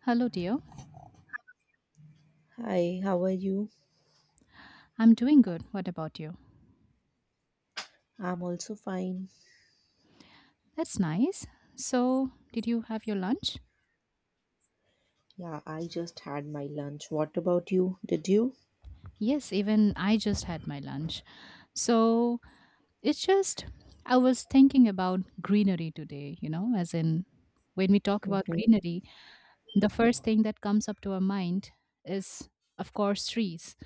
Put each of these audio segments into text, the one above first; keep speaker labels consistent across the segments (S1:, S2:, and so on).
S1: Hello, dear.
S2: Hi, how are you?
S1: I'm doing good. What about you?
S2: I'm also fine.
S1: That's nice. So, did you have your lunch?
S2: Yeah, I just had my lunch. What about you? Did you?
S1: Yes, even I just had my lunch. So, it's just, I was thinking about greenery today, you know, as in when we talk about
S2: Mhm.
S1: greenery, the first thing that comes up to our mind is, of course, trees.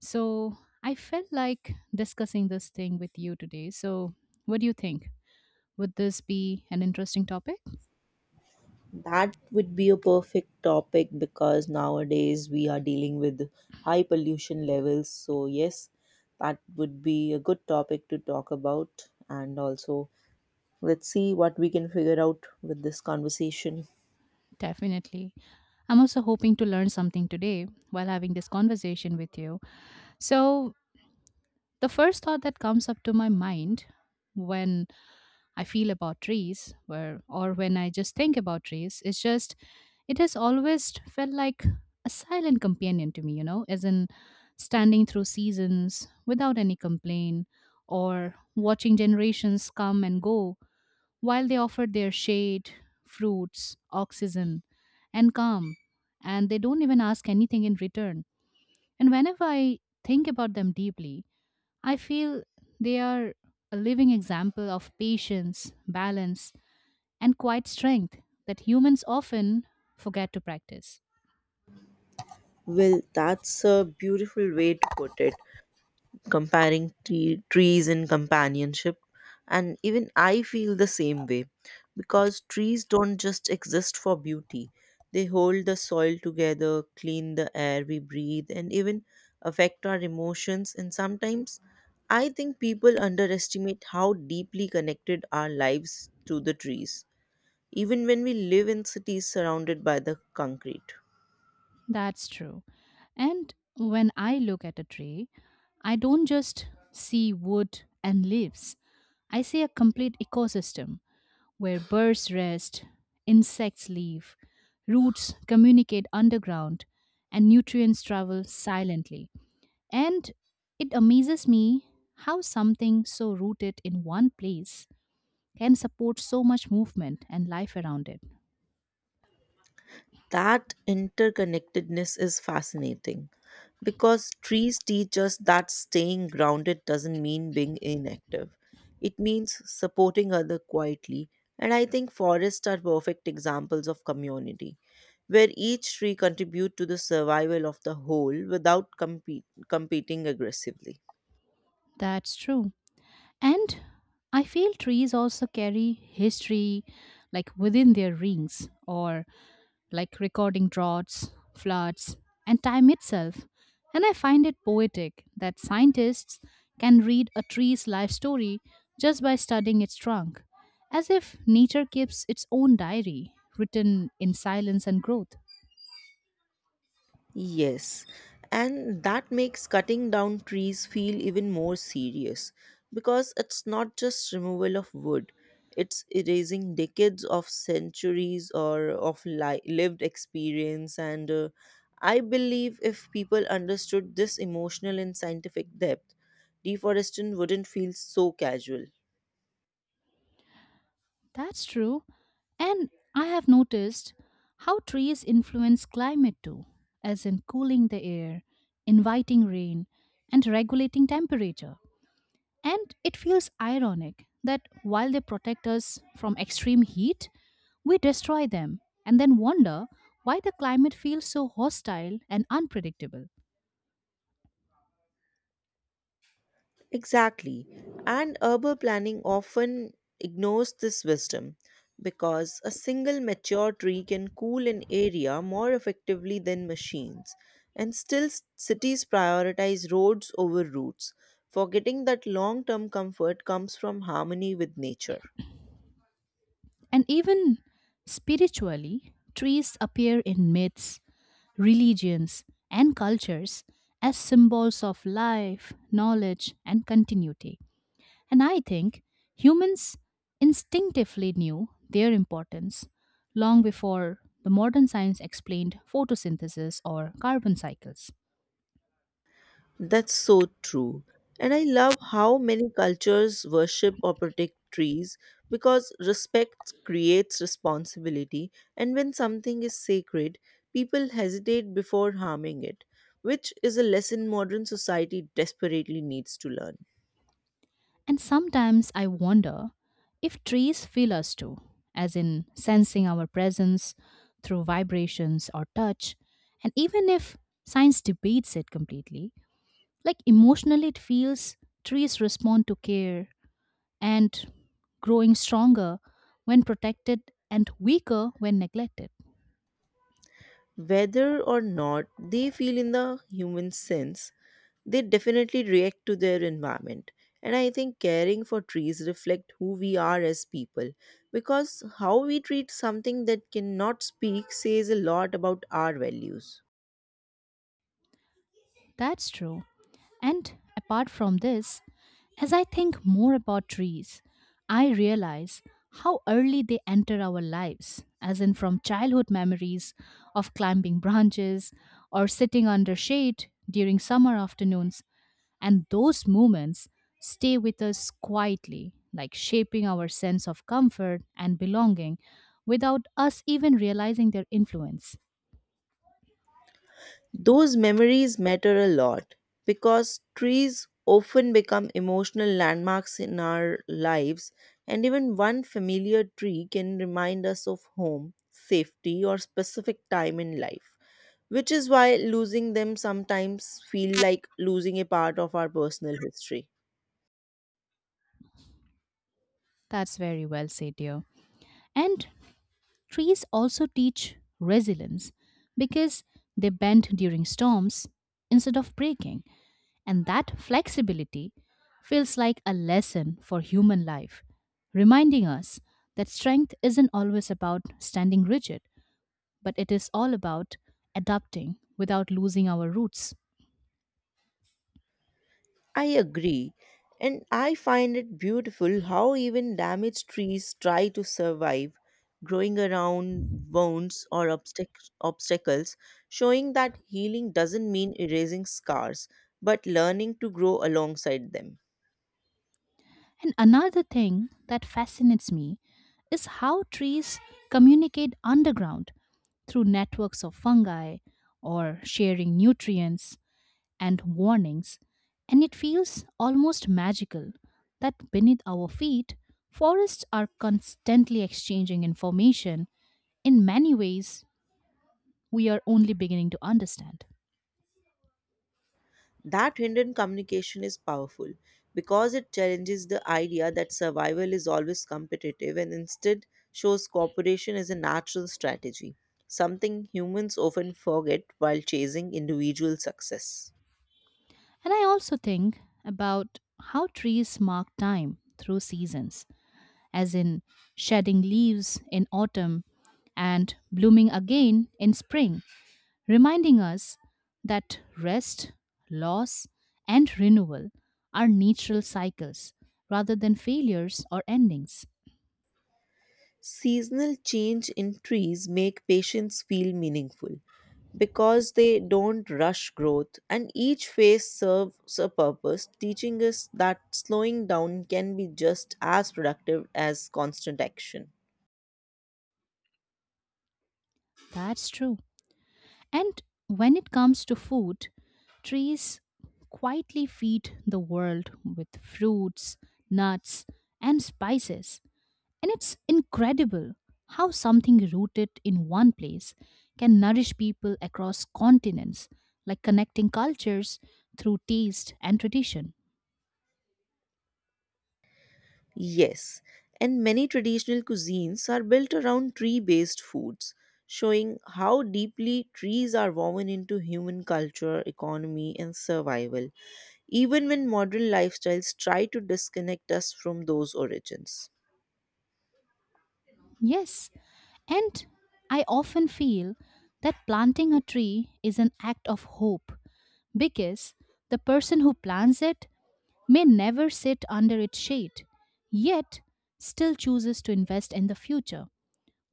S1: So, I felt like discussing this thing with you today. So, what do you think? Would this be an interesting topic?
S2: That would be a perfect topic because nowadays we are dealing with high pollution levels. So, yes, that would be a good topic to talk about. And also, let's see what we can figure out with this conversation.
S1: Definitely. I'm also hoping to learn something today while having this conversation with you. So, the first thought that comes up to my mind when I feel about trees where, or when I just think about trees is just it has always felt like a silent companion to me, you know, as in standing through seasons without any complaint or watching generations come and go while they offered their shade, fruits, oxygen, and calm, and they don't even ask anything in return. And whenever I think about them deeply, I feel they are a living example of patience, balance, and quiet strength that humans often forget to practice.
S2: Well, that's a beautiful way to put it. Comparing trees in companionship, and even I feel the same way, because trees don't just exist for beauty. They hold the soil together, clean the air we breathe, and even affect our emotions. And sometimes I think people underestimate how deeply connected our lives to the trees, even when we live in cities surrounded by the concrete.
S1: That's true. And when I look at a tree, I don't just see wood and leaves, I see a complete ecosystem where birds rest, insects live, roots communicate underground, and nutrients travel silently. And it amazes me how something so rooted in one place can support so much movement and life around it.
S2: That interconnectedness is fascinating because trees teach us that staying grounded doesn't mean being inactive. It means supporting other quietly. And I think forests are perfect examples of community, where each tree contributes to the survival of the whole without competing aggressively.
S1: That's true. And I feel trees also carry history, like within their rings, or like recording droughts, floods, and time itself. And I find it poetic that scientists can read a tree's life story just by studying its trunk, as if nature keeps its own diary written in silence and growth.
S2: Yes, and that makes cutting down trees feel even more serious, because it's not just removal of wood, it's erasing decades of centuries or of lived experience. And I believe if people understood this emotional and scientific depth, deforestation wouldn't feel so casual.
S1: That's true. And I have noticed how trees influence climate too, as in cooling the air, inviting rain, and regulating temperature. And it feels ironic that while they protect us from extreme heat, we destroy them and then wonder why the climate feels so hostile and unpredictable.
S2: Exactly. And urban planning often ignores this wisdom, because a single mature tree can cool an area more effectively than machines. And still, cities prioritize roads over routes, forgetting that long term comfort comes from harmony with nature.
S1: And even spiritually, trees appear in myths, religions, and cultures as symbols of life, knowledge, and continuity. And I think humans instinctively knew their importance long before the modern science explained photosynthesis or carbon cycles.
S2: That's so true. And I love how many cultures worship or protect trees, because respect creates responsibility, and when something is sacred, people hesitate before harming it, which is a lesson modern society desperately needs to learn.
S1: And sometimes I wonder if trees feel us too, as in sensing our presence through vibrations or touch. And even if science debates it completely, like emotionally, it feels trees respond to care and growing stronger when protected and weaker when neglected.
S2: Whether or not they feel in the human sense, they definitely react to their environment, and I think caring for trees reflect who we are as people, because how we treat something that cannot speak says a lot about our values.
S1: That's true. And apart from this, as I think more about trees, I realize how early they enter our lives, as in from childhood memories of climbing branches or sitting under shade during summer afternoons. And those moments stay with us quietly, like shaping our sense of comfort and belonging without us even realizing their influence.
S2: Those memories matter a lot, because trees often become emotional landmarks in our lives, and even one familiar tree can remind us of home, safety, or specific time in life, which is why losing them sometimes feel like losing a part of our personal history.
S1: That's very well said, dear. And trees also teach resilience because they bend during storms instead of breaking. And that flexibility feels like a lesson for human life, reminding us that strength isn't always about standing rigid, but it is all about adapting without losing our roots.
S2: I agree. And I find it beautiful how even damaged trees try to survive, growing around wounds or obstacles, showing that healing doesn't mean erasing scars, but learning to grow alongside them.
S1: And another thing that fascinates me is how trees communicate underground through networks of fungi, or sharing nutrients and warnings. And it feels almost magical that beneath our feet, forests are constantly exchanging information in many ways we are only beginning to understand.
S2: That hidden communication is powerful, because it challenges the idea that survival is always competitive, and instead shows cooperation as a natural strategy, something humans often forget while chasing individual success.
S1: And I also think about how trees mark time through seasons, as in shedding leaves in autumn and blooming again in spring, reminding us that rest, loss, and renewal are natural cycles rather than failures or endings.
S2: Seasonal change in trees make patients feel meaningful, because they don't rush growth and each phase serves a purpose, teaching us that slowing down can be just as productive as constant action.
S1: That's true. And when it comes to food, trees quietly feed the world with fruits, nuts, and spices. And it's incredible how something rooted in one place can nourish people across continents, like connecting cultures through taste and tradition.
S2: Yes, and many traditional cuisines are built around tree based foods, showing how deeply trees are woven into human culture, economy, and survival, even when modern lifestyles try to disconnect us from those origins.
S1: Yes, and I often feel that planting a tree is an act of hope because the person who plants it may never sit under its shade, yet still chooses to invest in the future,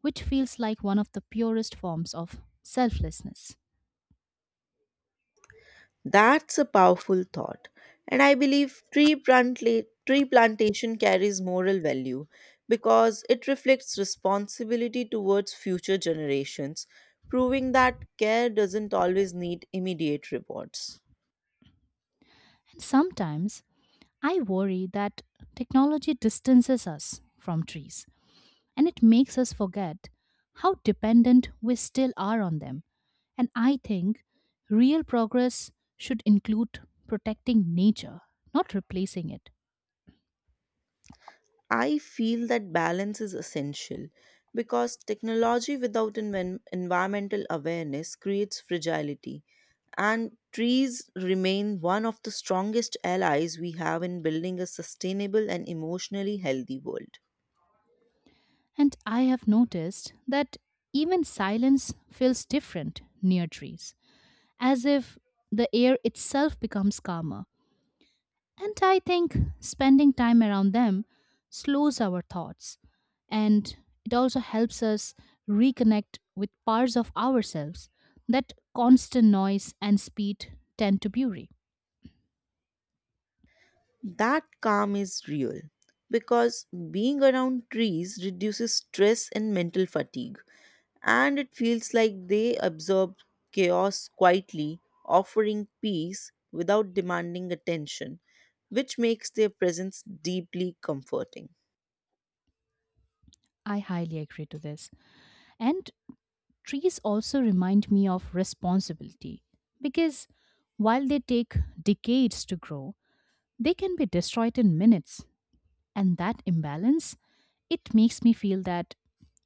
S1: which feels like one of the purest forms of selflessness.
S2: That's a powerful thought. And I believe tree plantation carries moral value, because it reflects responsibility towards future generations, proving that care doesn't always need immediate rewards.
S1: And sometimes I worry that technology distances us from trees and it makes us forget how dependent we still are on them. And I think real progress should include protecting nature, not replacing it.
S2: I feel that balance is essential, because technology without environmental awareness creates fragility, and trees remain one of the strongest allies we have in building a sustainable and emotionally healthy world.
S1: And I have noticed that even silence feels different near trees, as if the air itself becomes calmer. And I think spending time around them slows our thoughts, and it also helps us reconnect with parts of ourselves that constant noise and speed tend to bury.
S2: That calm is real, because being around trees reduces stress and mental fatigue, and it feels like they absorb chaos quietly, offering peace without demanding attention, which makes their presence deeply comforting.
S1: I highly agree to this. And trees also remind me of responsibility because while they take decades to grow, they can be destroyed in minutes. And that imbalance, it makes me feel that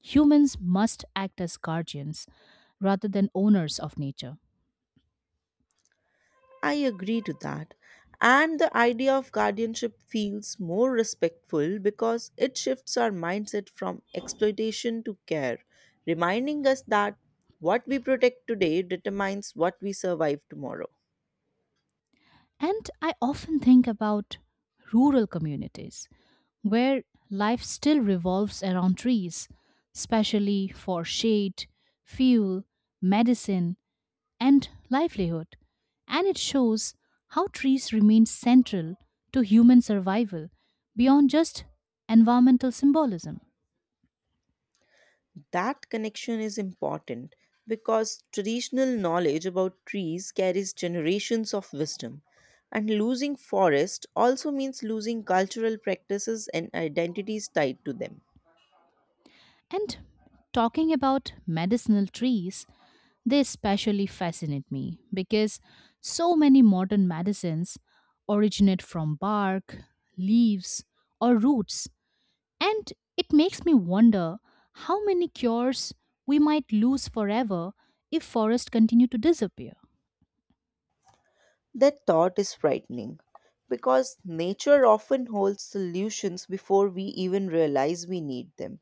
S1: humans must act as guardians rather than owners of nature.
S2: I agree to that. And the idea of guardianship feels more respectful, because it shifts our mindset from exploitation to care, reminding us that what we protect today determines what we survive tomorrow.
S1: And I often think about rural communities where life still revolves around trees, especially for shade, fuel, medicine, and livelihood. And it shows how trees remain central to human survival beyond just environmental symbolism.
S2: That connection is important, because traditional knowledge about trees carries generations of wisdom. And losing forest also means losing cultural practices and identities tied to them.
S1: And talking about medicinal trees, they especially fascinate me because so many modern medicines originate from bark, leaves, or roots. And it makes me wonder how many cures we might lose forever if forests continue to disappear.
S2: That thought is frightening, because nature often holds solutions before we even realize we need them.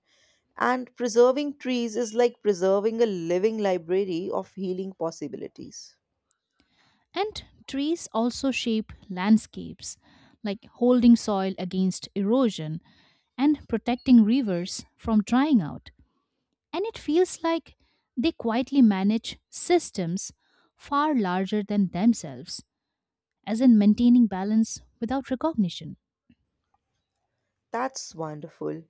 S2: And preserving trees is like preserving a living library of healing possibilities.
S1: And trees also shape landscapes, like holding soil against erosion and protecting rivers from drying out. And it feels like they quietly manage systems far larger than themselves, as in maintaining balance without recognition.
S2: That's wonderful.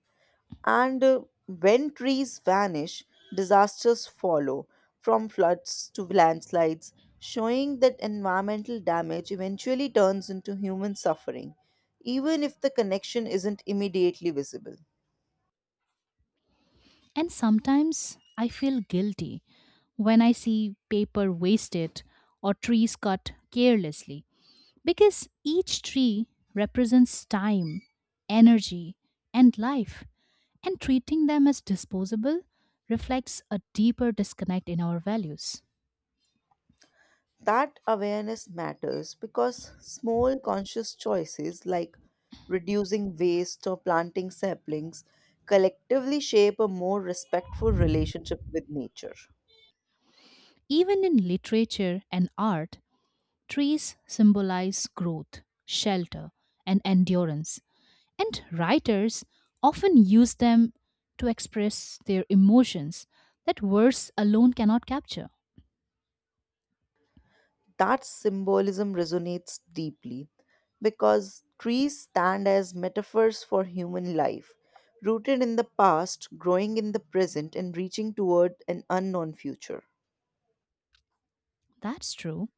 S2: And when trees vanish, disasters follow, from floods to landslides, showing that environmental damage eventually turns into human suffering, even if the connection isn't immediately visible.
S1: And sometimes I feel guilty when I see paper wasted or trees cut carelessly, because each tree represents time, energy, and life, and treating them as disposable reflects a deeper disconnect in our values.
S2: That awareness matters, because small conscious choices like reducing waste or planting saplings collectively shape a more respectful relationship with nature.
S1: Even in literature and art, trees symbolize growth, shelter, and endurance, and writers often use them to express their emotions that words alone cannot capture.
S2: That symbolism resonates deeply, because trees stand as metaphors for human life, rooted in the past, growing in the present, and reaching toward an unknown future.
S1: That's true.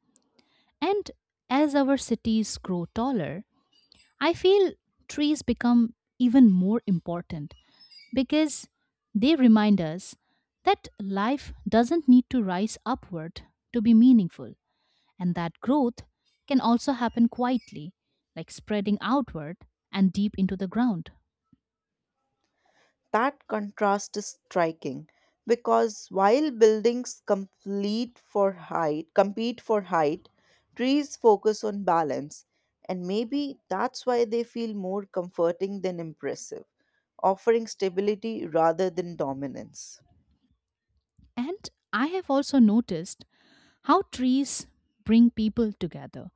S1: And as our cities grow taller, I feel trees become even more important because they remind us that life doesn't need to rise upward to be meaningful. And that growth can also happen quietly, like spreading outward and deep into the ground.
S2: That contrast is striking, because while buildings compete for height, trees focus on balance, and maybe that's why they feel more comforting than impressive, offering stability rather than dominance.
S1: And I have also noticed how trees bring people together,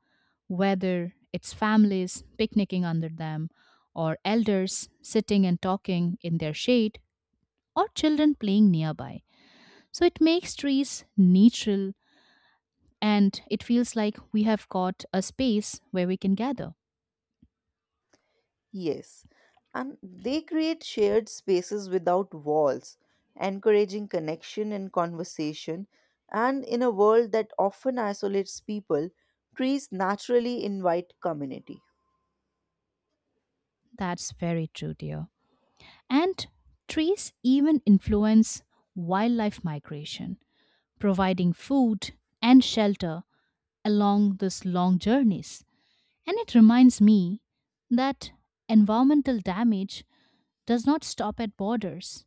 S1: whether it's families picnicking under them, or elders sitting and talking in their shade, or children playing nearby. So it makes trees neutral and it feels like we have got a space where we can gather.
S2: Yes, and they create shared spaces without walls, encouraging connection and conversation. And in a world that often isolates people, trees naturally invite community.
S1: That's very true, dear. And trees even influence wildlife migration, providing food and shelter along these long journeys. And it reminds me that environmental damage does not stop at borders,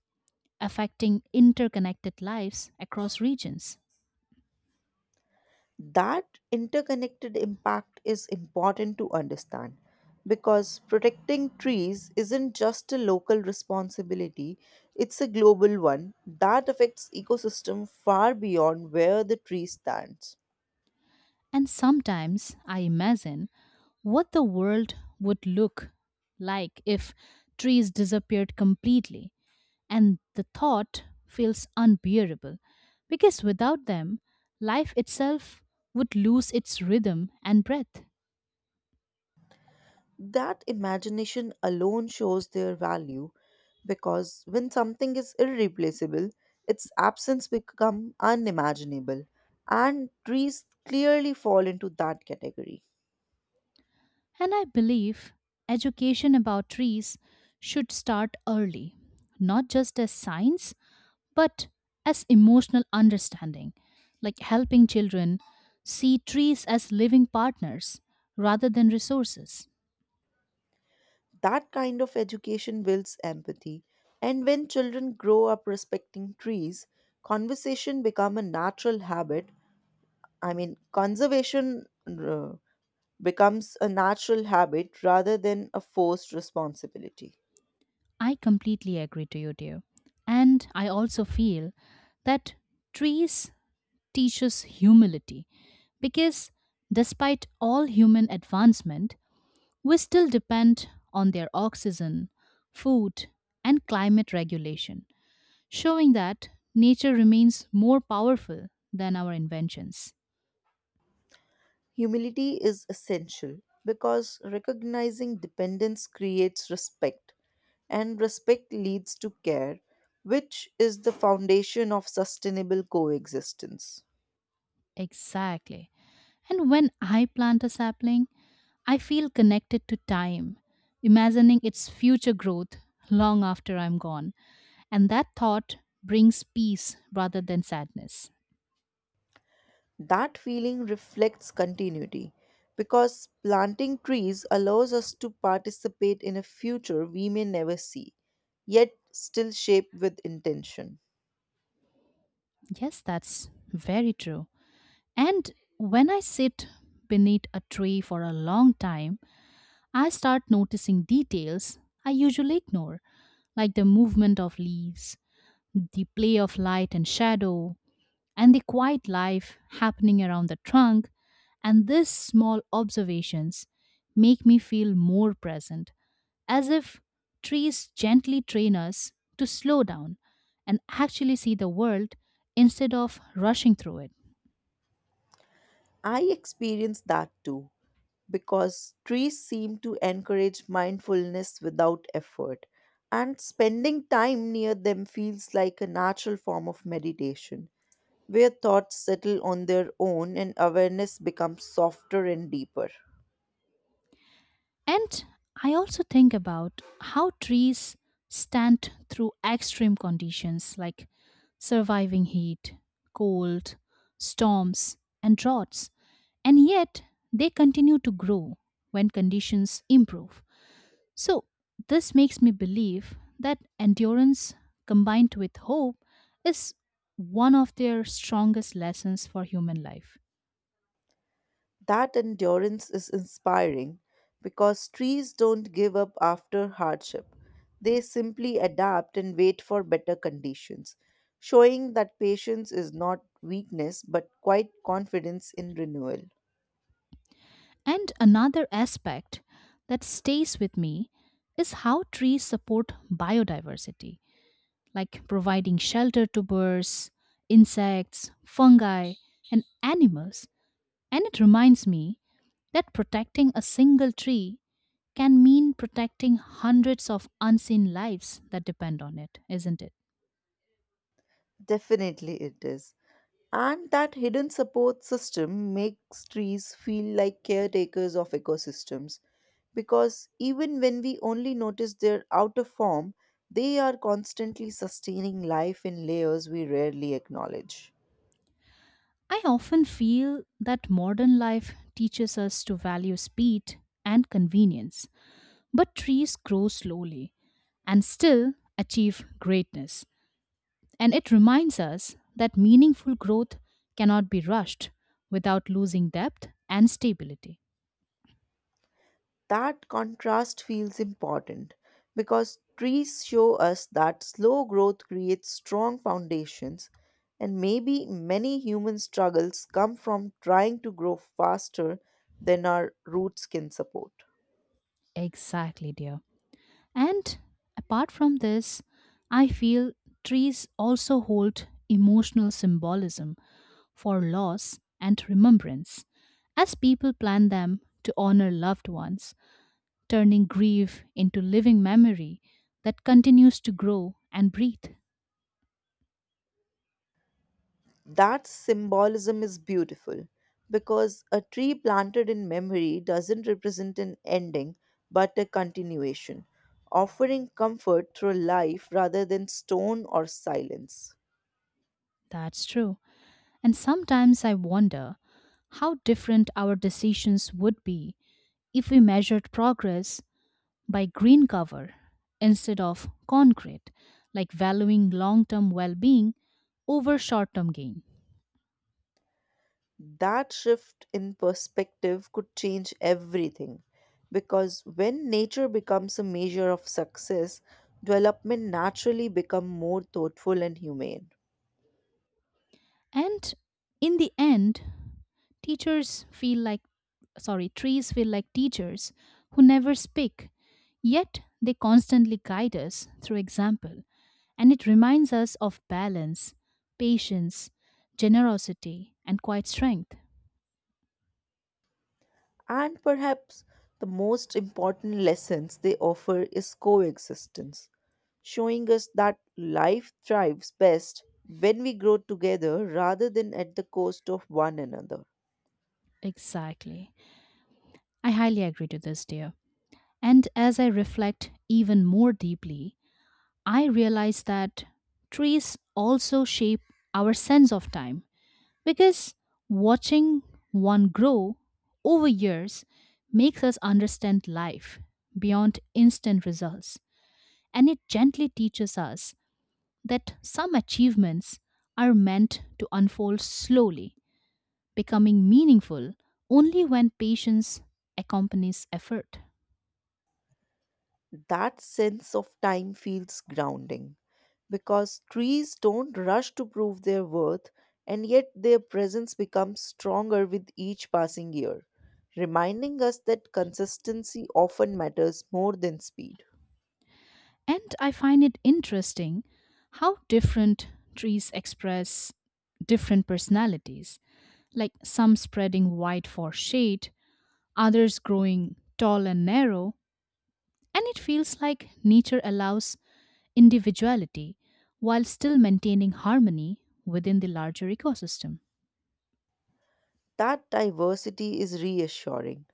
S1: affecting interconnected lives across regions.
S2: That interconnected impact is important to understand, because protecting trees isn't just a local responsibility, it's a global one that affects ecosystem far beyond where the tree stands.
S1: And sometimes I imagine what the world would look like if trees disappeared completely. And the thought feels unbearable because without them, life itself would lose its rhythm and breath.
S2: That imagination alone shows their value, because when something is irreplaceable, its absence become unimaginable, and trees clearly fall into that category.
S1: And I believe education about trees should start early, not just as science, but as emotional understanding, like helping children see trees as living partners rather than resources.
S2: That kind of education builds empathy, and when children grow up respecting trees, conversation become a natural habit. Conservation becomes a natural habit rather than a forced responsibility.
S1: I completely agree to you, dear. And I also feel that trees teaches humility because despite all human advancement, we still depend on their oxygen, food, and climate regulation, showing that nature remains more powerful than our inventions.
S2: Humility is essential, because recognizing dependence creates respect, and respect leads to care, which is the foundation of sustainable coexistence.
S1: Exactly. And when I plant a sapling, I feel connected to time, imagining its future growth long after I'm gone. And that thought brings peace rather than sadness.
S2: That feeling reflects continuity, because planting trees allows us to participate in a future we may never see, yet still shape with intention.
S1: Yes, that's very true. And when I sit beneath a tree for a long time, I start noticing details I usually ignore, like the movement of leaves, the play of light and shadow, and the quiet life happening around the trunk. And these small observations make me feel more present, as if trees gently train us to slow down and actually see the world instead of rushing through it.
S2: I experienced that too, because trees seem to encourage mindfulness without effort, and spending time near them feels like a natural form of meditation, where thoughts settle on their own and awareness becomes softer and deeper.
S1: And I also think about how trees stand through extreme conditions, like surviving heat, cold, storms, and droughts, and yet they continue to grow when conditions improve. So, this makes me believe that endurance combined with hope is one of their strongest lessons for human life.
S2: That endurance is inspiring, because trees don't give up after hardship. They simply adapt and wait for better conditions, showing that patience is not weakness but quite confidence in renewal.
S1: And another aspect that stays with me is how trees support biodiversity, like providing shelter to birds, insects, fungi, and animals. And it reminds me that protecting a single tree can mean protecting hundreds of unseen lives that depend on it, isn't it?
S2: Definitely it is. And that hidden support system makes trees feel like caretakers of ecosystems, because even when we only notice their outer form, they are constantly sustaining life in layers we rarely acknowledge.
S1: I often feel that modern life teaches us to value speed and convenience, but trees grow slowly and still achieve greatness. And it reminds us that meaningful growth cannot be rushed without losing depth and stability.
S2: That contrast feels important, because trees show us that slow growth creates strong foundations, and maybe many human struggles come from trying to grow faster than our roots can support.
S1: Exactly, dear. And apart from this, I feel trees also hold emotional symbolism for loss and remembrance, as people plant them to honor loved ones, turning grief into living memory that continues to grow and breathe.
S2: That symbolism is beautiful, because a tree planted in memory doesn't represent an ending but a continuation, offering comfort through life rather than stone or silence.
S1: That's true. And sometimes I wonder how different our decisions would be if we measured progress by green cover instead of concrete, like valuing long term well being over short term gain.
S2: That shift in perspective could change everything, because when nature becomes a measure of success, development naturally become more thoughtful and humane.
S1: And in the end, teachers feel like, sorry, trees feel like teachers who never speak, yet they constantly guide us through example. And it reminds us of balance, patience, generosity, and quiet strength.
S2: And perhaps the most important lessons they offer is coexistence, showing us that life thrives best when we grow together rather than at the cost of one another.
S1: Exactly. I highly agree to this, dear. And as I reflect even more deeply, I realize that trees also shape our sense of time. Because watching one grow over years makes us understand life beyond instant results. And it gently teaches us that some achievements are meant to unfold slowly, becoming meaningful only when patience accompanies effort.
S2: That sense of time feels grounding, because trees don't rush to prove their worth, and yet their presence becomes stronger with each passing year, reminding us that consistency often matters more than speed.
S1: And I find it interesting how different trees express different personalities, like some spreading wide for shade, others growing tall and narrow, and it feels like nature allows individuality while still maintaining harmony within the larger ecosystem.
S2: That diversity is reassuring,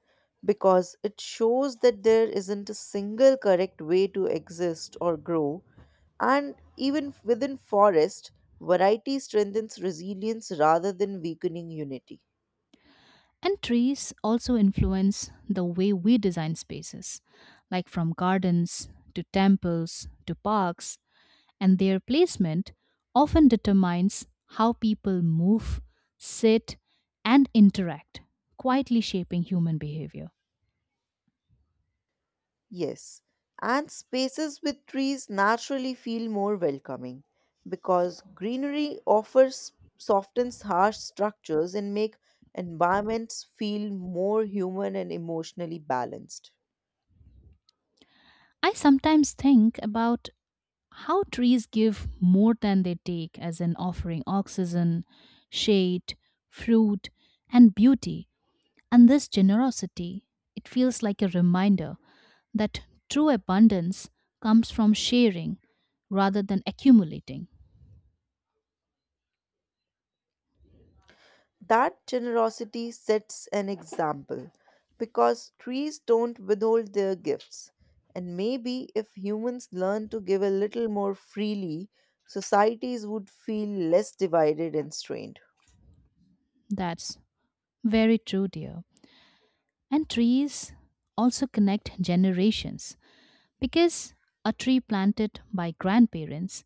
S2: because it shows that there isn't a single correct way to exist or grow, and even within forest, variety strengthens resilience rather than weakening unity.
S1: And trees also influence the way we design spaces, like from gardens to temples to parks, and their placement often determines how people move, sit, and interact, quietly shaping human behavior.
S2: Yes, and spaces with trees naturally feel more welcoming, because greenery offers softens harsh structures and make environments feel more human and emotionally balanced.
S1: I sometimes think about how trees give more than they take, as in offering oxygen, shade, fruit, and beauty. And this generosity, it feels like a reminder that true abundance comes from sharing rather than accumulating.
S2: That generosity sets an example, because trees don't withhold their gifts. And maybe if humans learn to give a little more freely, societies would feel less divided and strained.
S1: That's very true, dear. And trees also connect generations because a tree planted by grandparents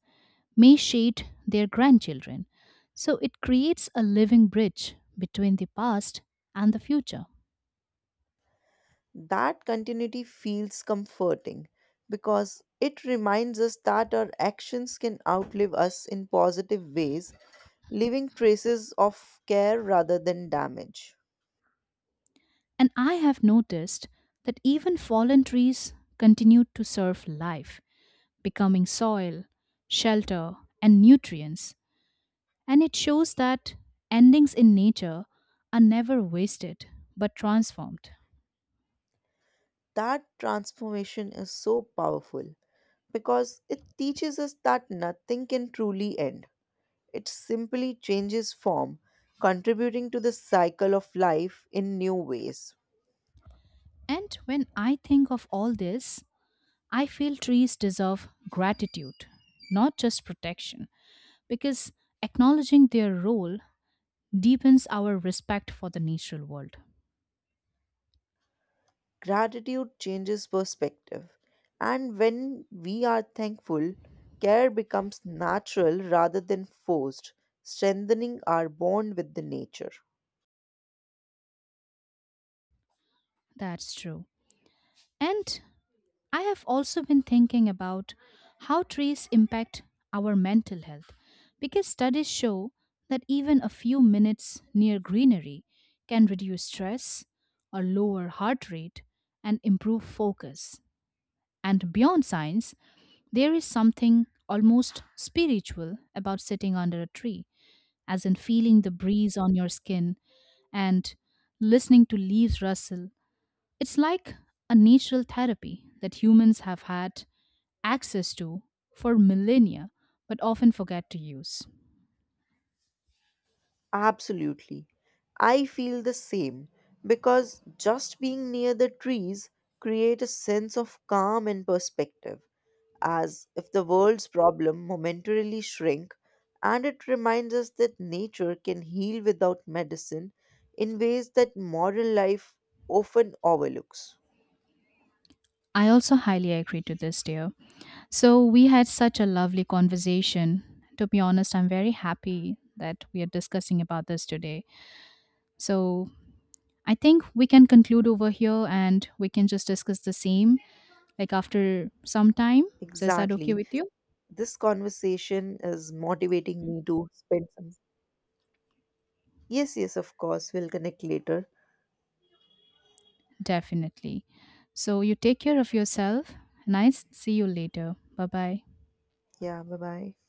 S1: may shade their grandchildren. So it creates a living bridge between the past and the future.
S2: That continuity feels comforting, because it reminds us that our actions can outlive us in positive ways, leaving traces of care rather than damage.
S1: And I have noticed that even fallen trees continue to serve life, becoming soil, shelter, and nutrients. And it shows that endings in nature are never wasted but transformed.
S2: That transformation is so powerful, because it teaches us that nothing can truly end. It simply changes form, contributing to the cycle of life in new ways.
S1: And when I think of all this, I feel trees deserve gratitude, not just protection, because acknowledging their role deepens our respect for the natural world.
S2: Gratitude changes perspective. And when we are thankful, care becomes natural rather than forced, strengthening our bond with the nature.
S1: That's true. And I have also been thinking about how trees impact our mental health because studies show that even a few minutes near greenery can reduce stress or lower heart rate and improve focus. And beyond science, there is something almost spiritual about sitting under a tree, as in feeling the breeze on your skin and listening to leaves rustle. It's like a natural therapy that humans have had access to for millennia but often forget to use.
S2: Absolutely. I feel the same, because just being near the trees create a sense of calm and perspective, as if the world's problem momentarily shrink, and it reminds us that nature can heal without medicine in ways that modern life often overlooks.
S1: I also highly agree to this, dear. So we had such a lovely conversation. To be honest, I'm very happy that we are discussing about this today. So I think we can conclude over here and we can just discuss the same like after some time. So is that okay
S2: Exactly.
S1: with you?
S2: This conversation is motivating me to spend some. Yes, yes, of course, we'll connect later.
S1: Definitely. So you take care of yourself. Nice. See you later. Bye bye.
S2: Yeah, bye bye.